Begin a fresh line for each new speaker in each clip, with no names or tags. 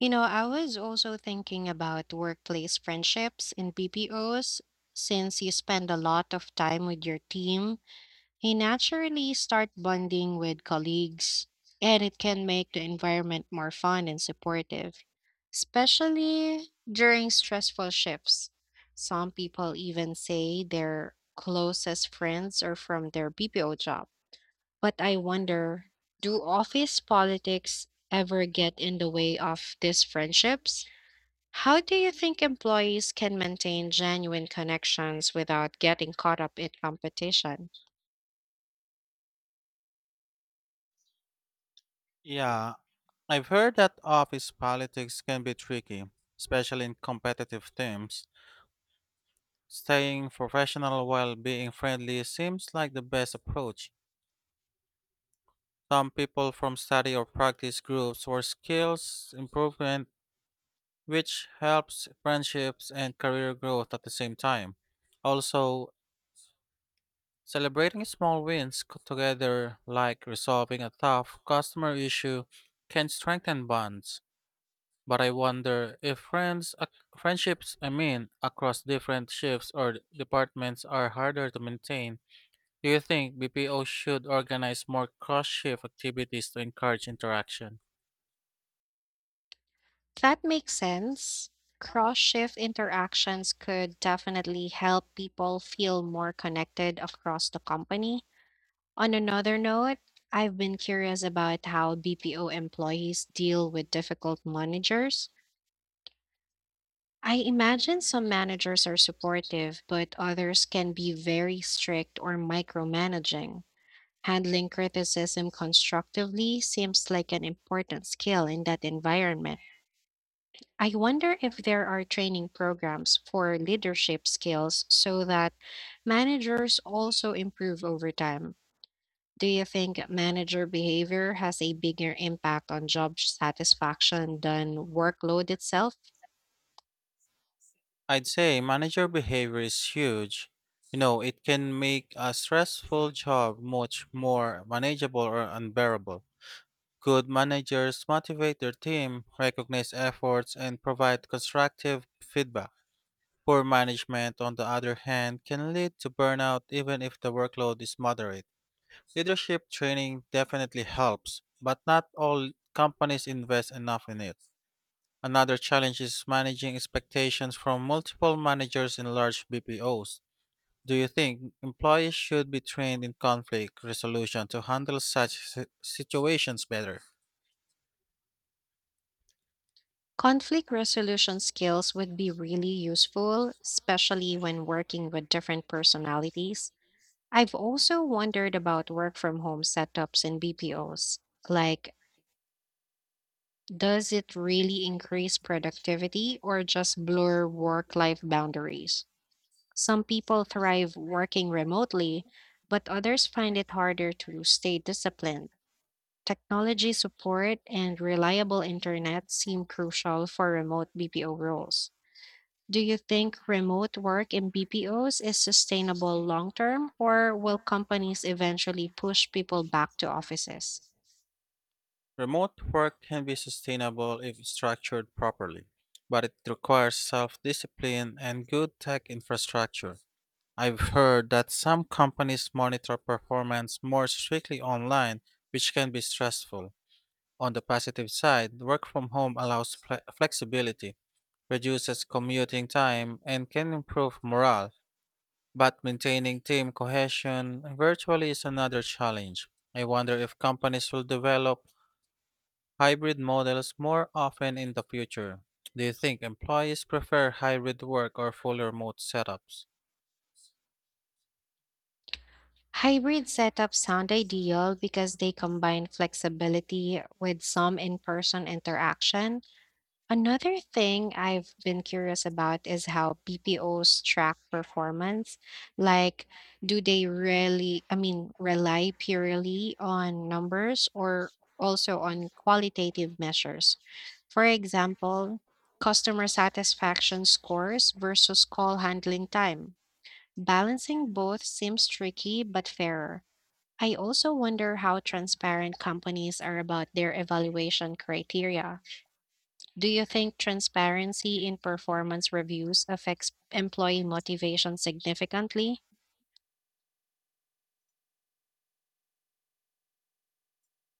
You know, I was also thinking about workplace friendships in BPOs. Since you spend a lot of time with your team, you naturally start bonding with colleagues, and it can make the environment more fun and supportive, especially during stressful shifts. Some people even say their closest friends are from their BPO job, but I wonder, do office politics ever get in the way of these friendships? How do you think employees can maintain genuine connections without getting caught up in competition?
Yeah, I've heard that office politics can be tricky, especially in competitive teams. Staying professional while being friendly seems like the best approach. Some people from study or practice groups or skills improvement, which helps friendships and career growth at the same time. Also, celebrating small wins together, like resolving a tough customer issue, can strengthen bonds. But I wonder if friendships, I mean, across different shifts or departments are harder to maintain. Do you think BPO should organize more cross shift activities to encourage interaction?
That makes sense. Cross shift interactions could definitely help people feel more connected across the company. On another note, I've been curious about how BPO employees deal with difficult managers. I imagine some managers are supportive, but others can be very strict or micromanaging. Handling criticism constructively seems like an important skill in that environment. I wonder if there are training programs for leadership skills so that managers also improve over time. Do you think manager behavior has a bigger impact on job satisfaction than workload itself?
I'd say manager behavior is huge. You know, it can make a stressful job much more manageable or unbearable. Good managers motivate their team, recognize efforts, and provide constructive feedback. Poor management, on the other hand, can lead to burnout even if the workload is moderate. Leadership training definitely helps, but not all companies invest enough in it. Another challenge is managing expectations from multiple managers in large BPOs. Do you think employees should be trained in conflict resolution to handle such situations better?
Conflict resolution skills would be really useful, especially when working with different personalities. I've also wondered about work from home setups in BPOs. Like, does it really increase productivity or just blur work life boundaries? Some people thrive working remotely, but others find it harder to stay disciplined. Technology support and reliable internet seem crucial for remote BPO roles. Do you think remote work in BPOs is sustainable long term, or will companies eventually push people back to offices?
Remote work can be sustainable if structured properly, but it requires self discipline and good tech infrastructure. I've heard that some companies monitor performance more strictly online, which can be stressful. On the positive side, work from home allows flexibility, reduces commuting time, and can improve morale, but maintaining team cohesion virtually is another challenge. I wonder if companies will develop hybrid models more often in the future. Do you think employees prefer hybrid work or full remote setups?
Hybrid setups sound ideal because they combine flexibility with some in person interaction. Another thing I've been curious about is how BPOs track performance. Like, do they really, rely purely on numbers or also on qualitative measures? For example, customer satisfaction scores versus call handling time. Balancing both seems tricky but fairer. I also wonder how transparent companies are about their evaluation criteria. Do you think transparency in performance reviews affects employee motivation significantly?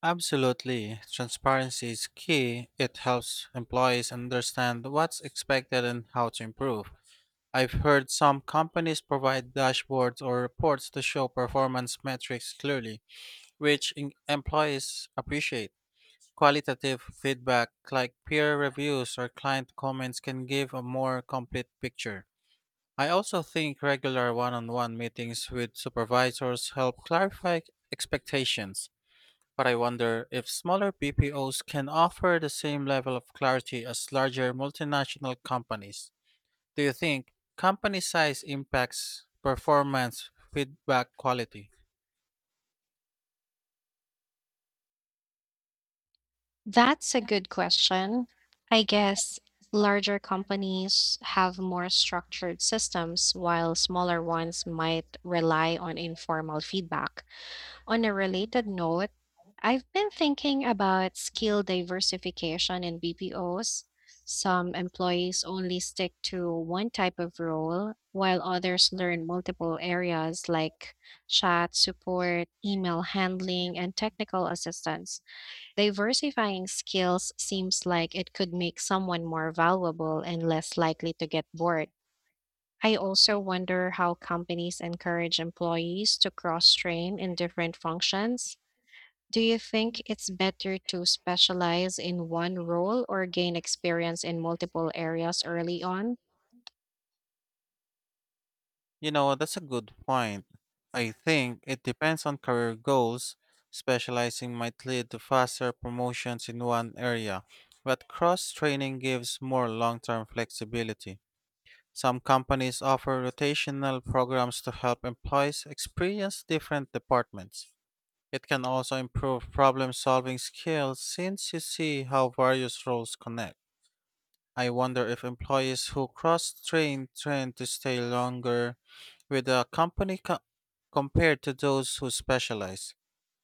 Absolutely. Transparency is key. It helps employees understand what's expected and how to improve. I've heard some companies provide dashboards or reports to show performance metrics clearly, which employees appreciate. Qualitative feedback like peer reviews or client comments can give a more complete picture. I also think regular one on one meetings with supervisors help clarify expectations, but I wonder if smaller BPOs can offer the same level of clarity as larger multinational companies. Do you think company size impacts performance feedback quality?
That's a good question. I guess larger companies have more structured systems, while smaller ones might rely on informal feedback. On a related note, I've been thinking about skill diversification in BPOs. Some employees only stick to one type of role, while others learn multiple areas like chat support, email handling, and technical assistance. Diversifying skills seems like it could make someone more valuable and less likely to get bored. I also wonder how companies encourage employees to cross train in different functions. Do you think it's better to specialize in one role or gain experience in multiple areas early on?
You know, that's a good point. I think it depends on career goals. Specializing might lead to faster promotions in one area, but cross training gives more long term flexibility. Some companies offer rotational programs to help employees experience different departments. It can also improve problem solving skills since you see how various roles connect. I wonder if employees who cross train tend to stay longer with a compared to those who specialize.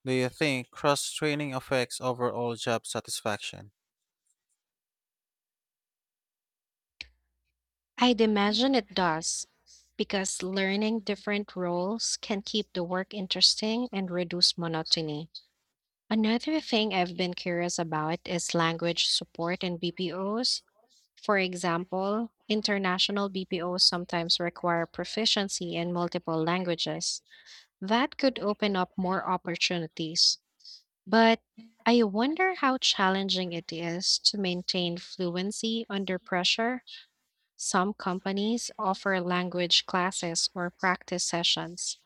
Do you think cross training affects overall job satisfaction?
I'd imagine it does, because learning different roles can keep the work interesting and reduce monotony. Another thing I've been curious about is language support in BPOs. For example, international BPOs sometimes require proficiency in multiple languages. That could open up more opportunities. But I wonder how challenging it is to maintain fluency under pressure. Some companies offer language classes or practice sessions.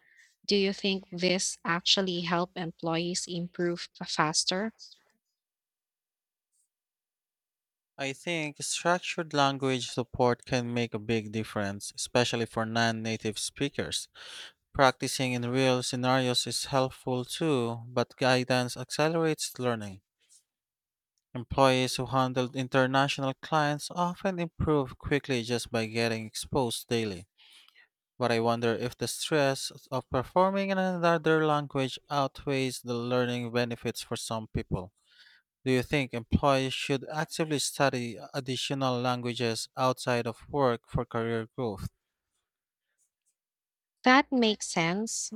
Do you think this actually help employees improve faster?
I think structured language support can make a big difference, especially for non native speakers. Practicing in real scenarios is helpful too, but guidance accelerates learning. Employees who handled international clients often improve quickly just by getting exposed daily. But I wonder if the stress of performing in another language outweighs the learning benefits for some people. Do you think employees should actively study additional languages outside of work for career growth?
That makes sense.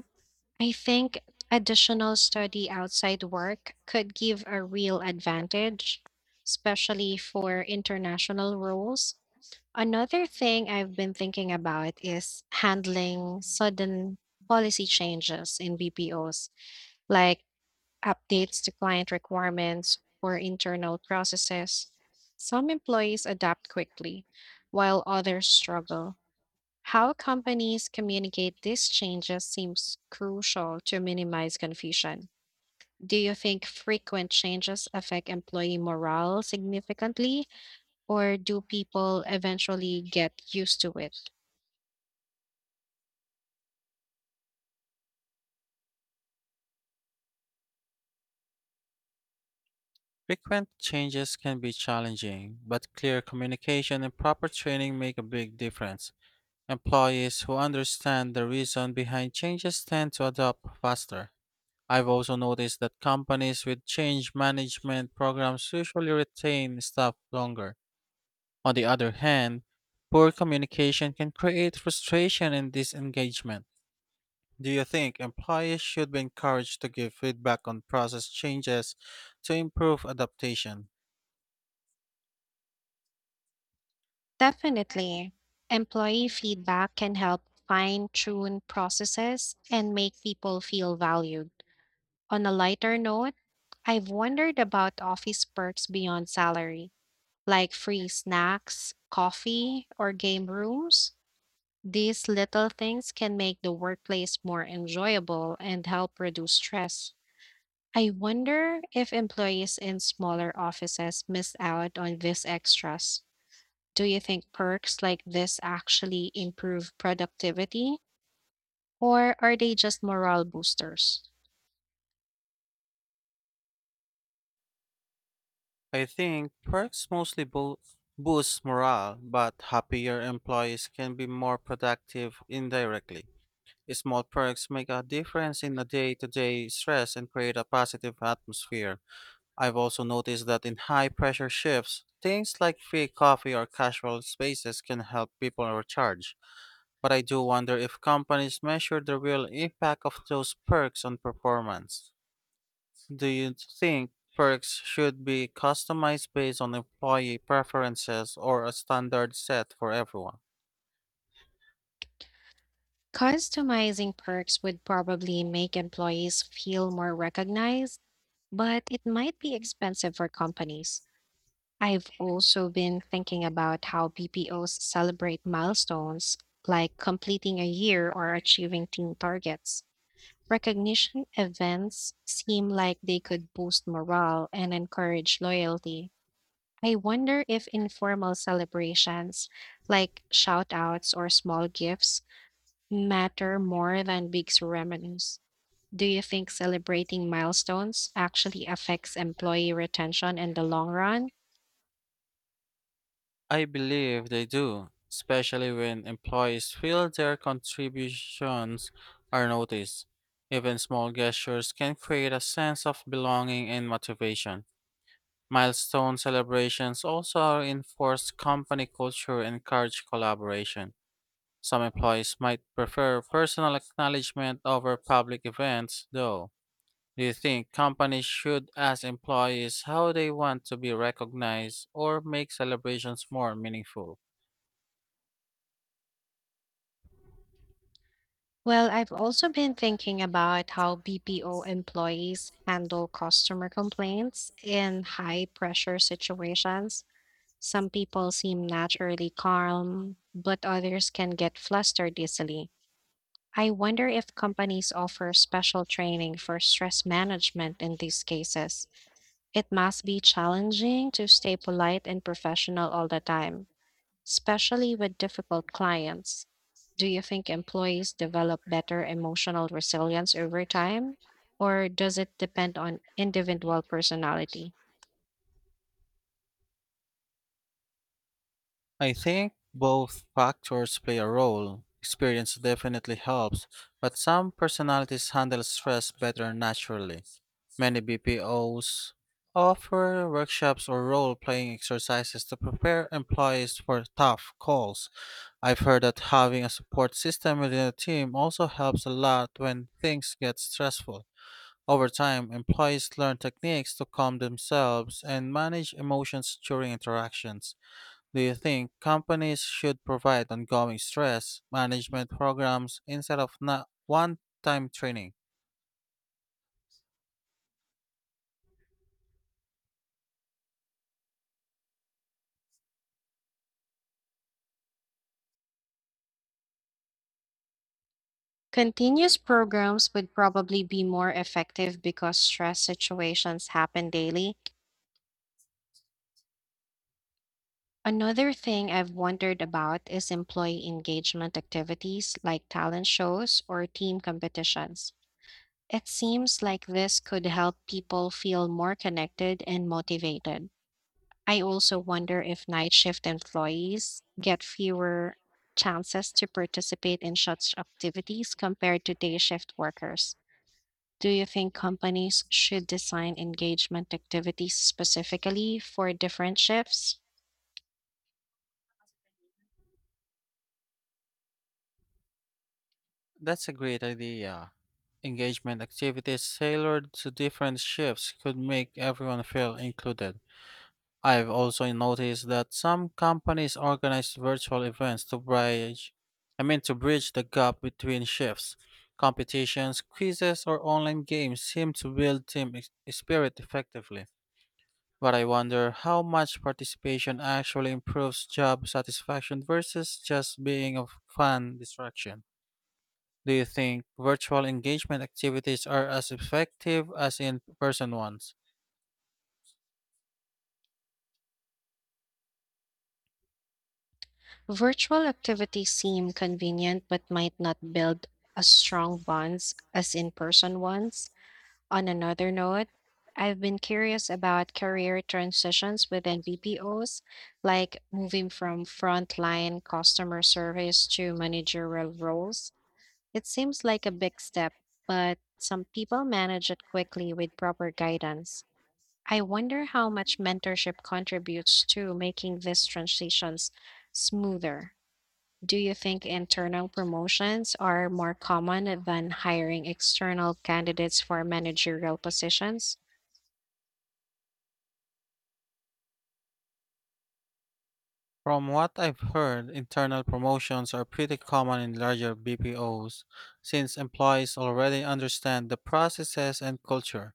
I think additional study outside work could give a real advantage, especially for international roles. Another thing I've been thinking about is handling sudden policy changes in BPOs, like updates to client requirements or internal processes. Some employees adapt quickly, while others struggle. How companies communicate these changes seems crucial to minimize confusion. Do you think frequent changes affect employee morale significantly, or do people eventually get used to it?
Frequent changes can be challenging, but clear communication and proper training make a big difference. Employees who understand the reason behind changes tend to adopt faster. I've also noticed that companies with change management programs usually retain staff longer. On the other hand, poor communication can create frustration and disengagement. Do you think employees should be encouraged to give feedback on process changes to improve adaptation?
Definitely. Employee feedback can help fine tune processes and make people feel valued. On a lighter note, I've wondered about office perks beyond salary, like free snacks, coffee, or game rooms. These little things can make the workplace more enjoyable and help reduce stress. I wonder if employees in smaller offices miss out on these extras. Do you think perks like this actually improve productivity, or are they just morale boosters?
I think perks boost morale, but happier employees can be more productive indirectly. Small perks make a difference in the day to day stress and create a positive atmosphere. I've also noticed that in high pressure shifts, things like free coffee or casual spaces can help people recharge. But I do wonder if companies measure the real impact of those perks on performance. Do you think perks should be customized based on employee preferences or a standard set for everyone?
Customizing perks would probably make employees feel more recognized, but it might be expensive for companies. I've also been thinking about how BPOs celebrate milestones, like completing a year or achieving team targets. Recognition events seem like they could boost morale and encourage loyalty. I wonder if informal celebrations, like shout outs or small gifts, matter more than big ceremonies. Do you think celebrating milestones actually affects employee retention in the long run?
I believe they do, especially when employees feel their contributions are noticed. Even small gestures can create a sense of belonging and motivation. Milestone celebrations also reinforce company culture and encourage collaboration. Some employees might prefer personal acknowledgement over public events, though. Do you think companies should ask employees how they want to be recognized or make celebrations more meaningful?
Well, I've also been thinking about how BPO employees handle customer complaints in high pressure situations. Some people seem naturally calm, but others can get flustered easily. I wonder if companies offer special training for stress management in these cases. It must be challenging to stay polite and professional all the time, especially with difficult clients. Do you think employees develop better emotional resilience over time, or does it depend on individual personality?
I think both factors play a role. Experience definitely helps, but some personalities handle stress better naturally. Many BPOs offer workshops or role playing exercises to prepare employees for tough calls. I've heard that having a support system within a team also helps a lot when things get stressful. Over time, employees learn techniques to calm themselves and manage emotions during interactions. Do you think companies should provide ongoing stress management programs instead of not one time training?
Continuous programs would probably be more effective because stress situations happen daily. Another thing I've wondered about is employee engagement activities like talent shows or team competitions. It seems like this could help people feel more connected and motivated. I also wonder if night shift employees get fewer chances to participate in such activities compared to day shift workers. Do you think companies should design engagement activities specifically for different shifts?
That's a great idea. Engagement activities tailored to different shifts could make everyone feel included. I've also noticed that some companies organize virtual events to to bridge the gap between shifts. Competitions, quizzes, or online games seem to build spirit effectively. But I wonder how much participation actually improves job satisfaction versus just being a fun distraction. Do you think virtual engagement activities are as effective as in person ones?
Virtual activities seem convenient but might not build as strong bonds as in person ones. On another note, I've been curious about career transitions within VPOs, like moving from frontline customer service to managerial roles. It seems like a big step, but some people manage it quickly with proper guidance. I wonder how much mentorship contributes to making these transitions smoother. Do you think internal promotions are more common than hiring external candidates for managerial positions?
From what I've heard, internal promotions are pretty common in larger BPOs since employees already understand the processes and culture.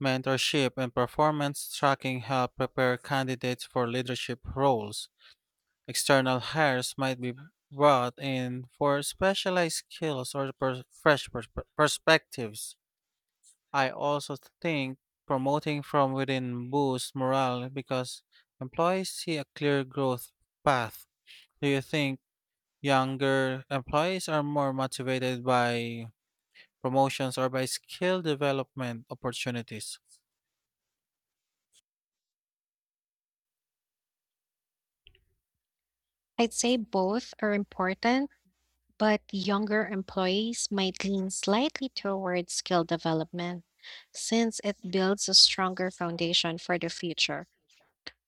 Mentorship and performance tracking help prepare candidates for leadership roles. External hires might be brought in for specialized skills or perspectives. I also think promoting from within boosts morale because employees see a clear growth path. Do you think younger employees are more motivated by promotions or by skill development opportunities?
I'd say both are important, but younger employees might lean slightly towards skill development since it builds a stronger foundation for the future.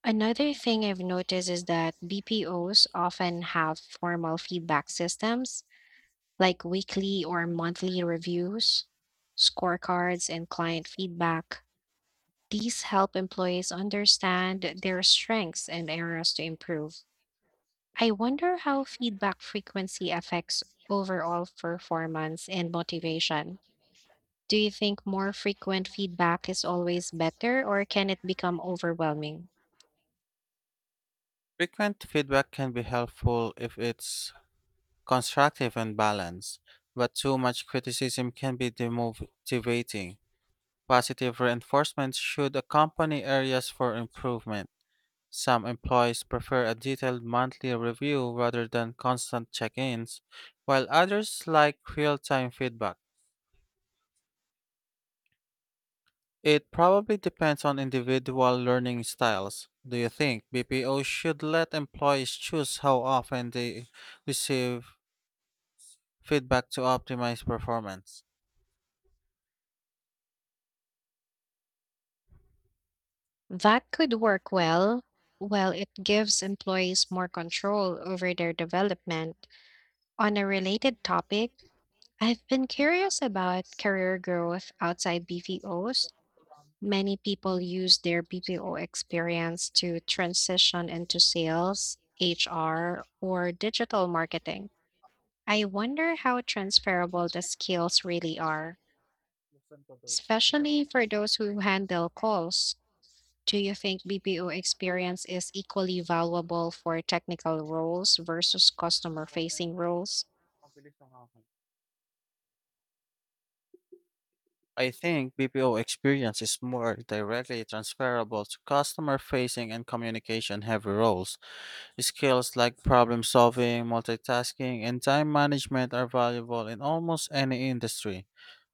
Another thing I've noticed is that BPOs often have formal feedback systems like weekly or monthly reviews, scorecards, and client feedback. These help employees understand their strengths and areas to improve. I wonder how feedback frequency affects overall performance and motivation. Do you think more frequent feedback is always better, or can it become overwhelming?
Frequent feedback can be helpful if it's constructive and balanced, but too much criticism can be demotivating. Positive reinforcement should accompany areas for improvement. Some employees prefer a detailed monthly review rather than constant check ins, while others like real time feedback. It probably depends on individual learning styles. Do you think BPO should let employees choose how often they receive feedback to optimize performance?
That could work well. Well, it gives employees more control over their development. On a related topic, I've been curious about career growth outside BPOs. Many people use their BPO experience to transition into sales, HR, or digital marketing. I wonder how transferable the skills really are, especially for those who handle calls. Do you think BPO experience is equally valuable for technical roles versus customer facing roles?
I think BPO experience is more directly transferable to customer facing and communication heavy roles. Skills like problem solving, multitasking, and time management are valuable in almost any industry.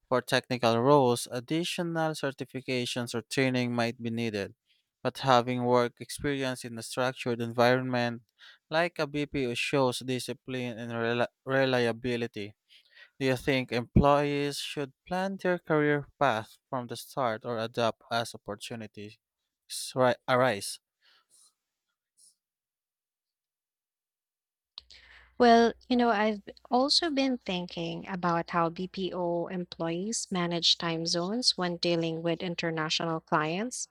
For technical roles, additional certifications or training might be needed, but having work experience in a structured environment like a BPO shows discipline and reliability. Do you think employees should plan their career path from the start or adapt as opportunities arise?
Well, you know, also been thinking about how BPO employees manage time zones when dealing with international clients.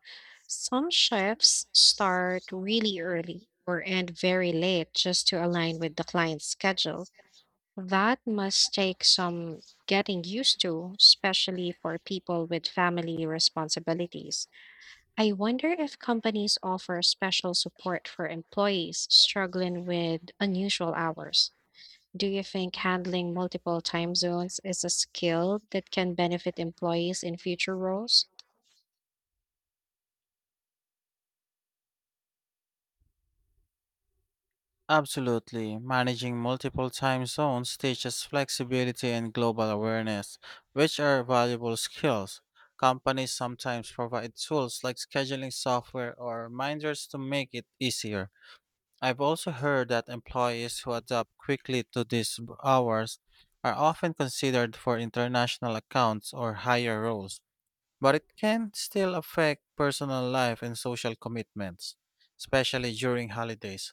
Some shifts start really early or end very late just to align with the client's schedule. That must take some getting used to, especially for people with family responsibilities. I wonder if companies offer special support for employees struggling with unusual hours. Do you think handling multiple time zones is a skill that can benefit employees in future roles?
Absolutely. Managing multiple time zones teaches flexibility and global awareness, which are valuable skills. Companies sometimes provide tools like scheduling software or reminders to make it easier. I've also heard that employees who adapt quickly to these hours are often considered for international accounts or higher roles, but it can still affect personal life and social commitments, especially during holidays.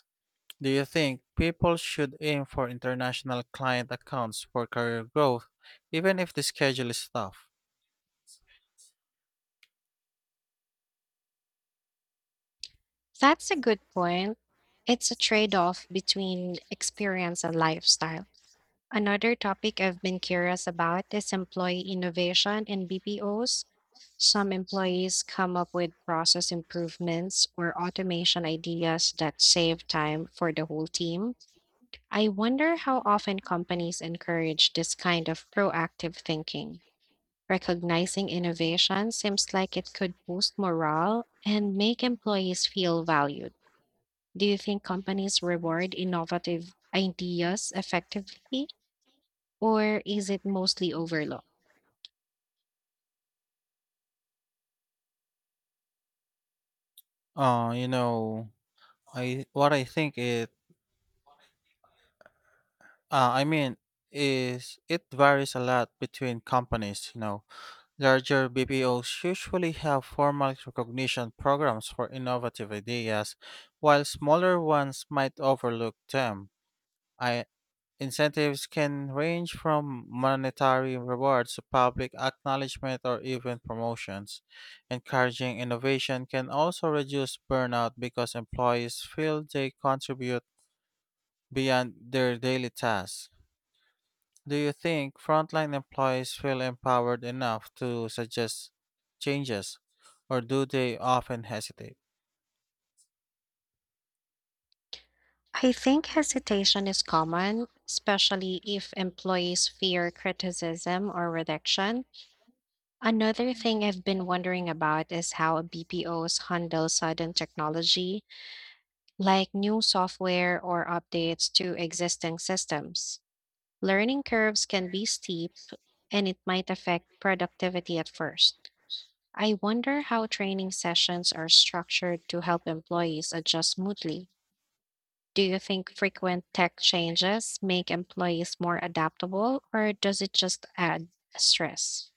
Do you think people should aim for international client accounts for career growth, even if the schedule is tough?
That's a good point. It's a trade off between experience and lifestyle. Another topic I've been curious about is employee innovation in BPOs. Some employees come up with process improvements or automation ideas that save time for the whole team. I wonder how often companies encourage this kind of proactive thinking. Recognizing innovation seems like it could boost morale and make employees feel valued. Do you think companies reward innovative ideas effectively, or is it mostly overlooked?
Uh, you know, I what I think it I mean is it varies a lot between companies, you know. Larger BPOs usually have formal recognition programs for innovative ideas, while smaller ones might overlook them. I Incentives can range from monetary rewards to public acknowledgement or even promotions. Encouraging innovation can also reduce burnout because employees feel they contribute beyond their daily tasks. Do you think frontline employees feel empowered enough to suggest changes, or do they often hesitate?
I think hesitation is common, especially if employees fear criticism or rejection. Another thing I've been wondering about is how BPOs handle sudden technology, like new software or updates to existing systems. Learning curves can be steep, and it might affect productivity at first. I wonder how training sessions are structured to help employees adjust smoothly. Do you think frequent tech changes make employees more adaptable, or does it just add stress?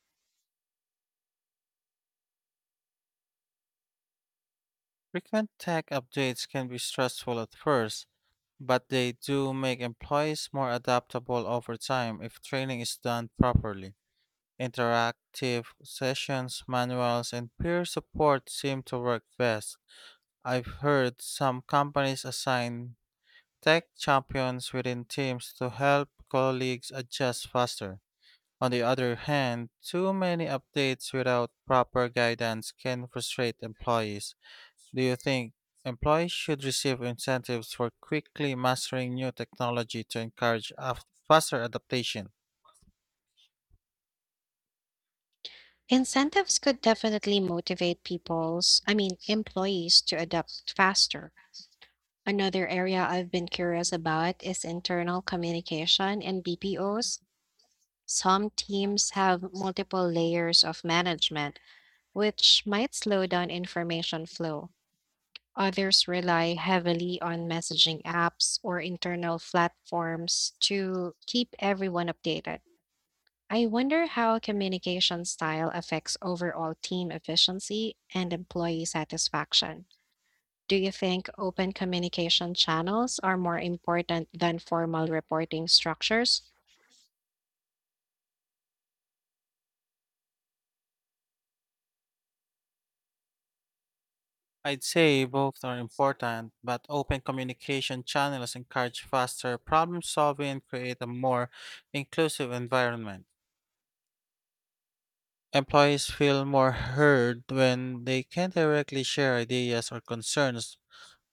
Frequent tech updates can be stressful at first, but they do make employees more adaptable over time if training is done properly. Interactive sessions, manuals, and peer support seem to work best. I've heard some companies assign tech champions within teams to help colleagues adjust faster. On the other hand, too many updates without proper guidance can frustrate employees. Do you think employees should receive incentives for quickly mastering new technology to encourage faster adaptation?
Incentives could definitely motivate employees to adapt faster. Another area I've been curious about is internal communication and BPOs. Some teams have multiple layers of management, which might slow down information flow. Others rely heavily on messaging apps or internal platforms to keep everyone updated. I wonder how communication style affects overall team efficiency and employee satisfaction. Do you think open communication channels are more important than formal reporting structures?
I'd say both are important, but open communication channels encourage faster problem solving and create a more inclusive environment. Employees feel more heard when they can directly share ideas or concerns.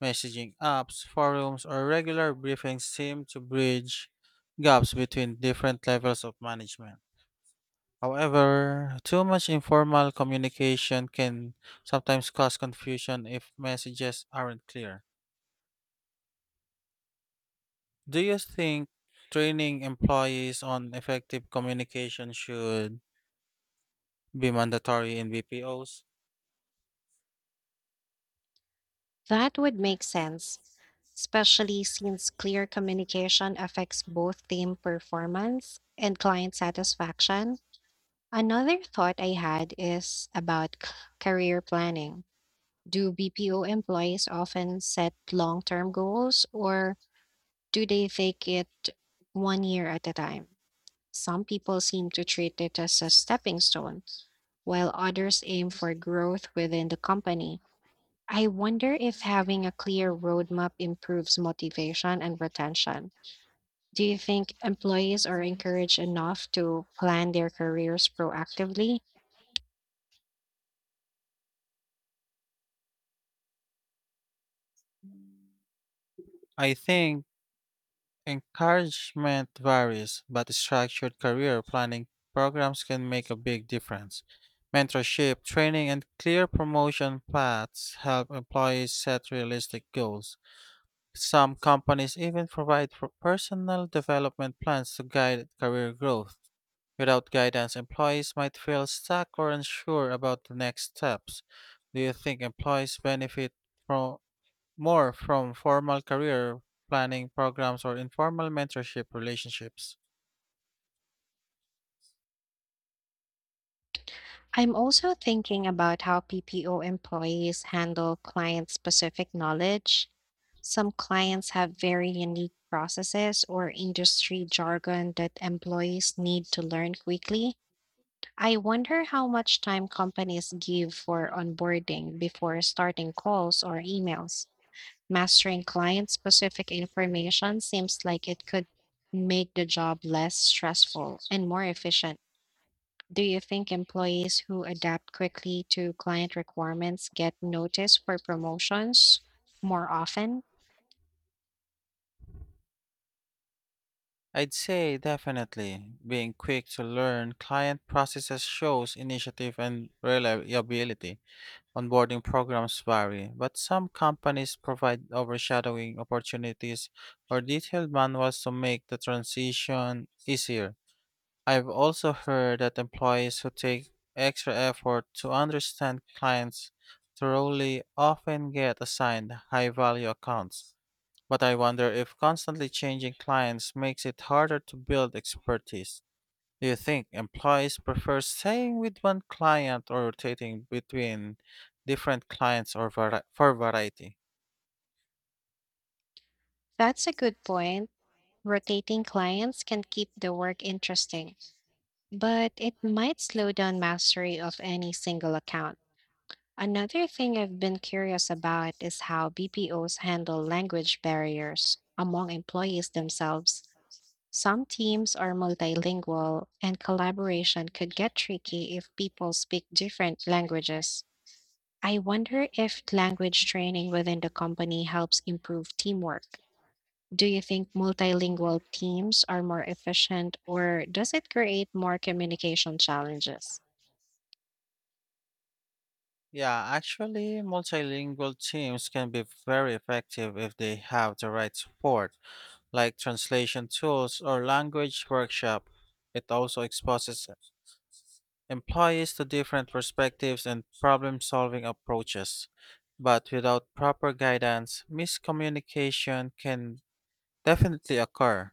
Messaging apps, forums, or regular briefings seem to bridge gaps between different levels of management. However, too much informal communication can sometimes cause confusion if messages aren't clear. Do you think training employees on effective communication should be mandatory in BPOs?
That would make sense, especially since clear communication affects both team performance and client satisfaction. Another thought I had is about career planning. Do BPO employees often set long term goals or do they take it one year at a time? Some people seem to treat it as a stepping stone, while others aim for growth within the company. I wonder if having a clear roadmap improves motivation and retention. Do you think employees are encouraged enough to plan their careers proactively?
I think Encouragement varies, but structured career planning programs can make a big difference. Mentorship, training, and clear promotion paths help employees set realistic goals. Some companies even provide for personal development plans to guide career growth. Without guidance, employees might feel stuck or unsure about the next steps. Do you think employees benefit from more from formal career planning programs or informal mentorship relationships.
I'm also thinking about how PPO employees handle client specific knowledge. Some clients have very unique processes or industry jargon that employees need to learn quickly. I wonder how much time companies give for onboarding before starting calls or emails. Mastering client specific information seems like it could make the job less stressful and more efficient. Do you think employees who adapt quickly to client requirements get noticed for promotions more often?
I'd say definitely being quick to learn client processes shows initiative and reliability. Onboarding programs vary, but some companies provide overshadowing opportunities or detailed manuals to make the transition easier. I've also heard that employees who take extra effort to understand clients thoroughly often get assigned high value accounts. But I wonder if constantly changing clients makes it harder to build expertise. Do you think employees prefer staying with one client or rotating between different clients or for variety?
That's a good point. Rotating clients can keep the work interesting, but it might slow down mastery of any single account. Another thing I've been curious about is how BPOs handle language barriers among employees themselves. Some teams are multilingual, and collaboration could get tricky if people speak different languages. I wonder if language training within the company helps improve teamwork. Do you think multilingual teams are more efficient, or does it create more communication challenges?
Yeah, actually, multilingual teams can be very effective if they have the right support, like translation tools or language workshop. It also exposes employees to different perspectives and problem-solving approaches. But without proper guidance, miscommunication can definitely occur.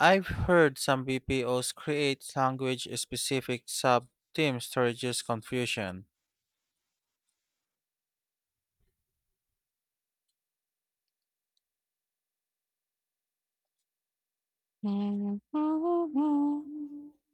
I've heard some BPOs create language-specific sub-teams to reduce confusion.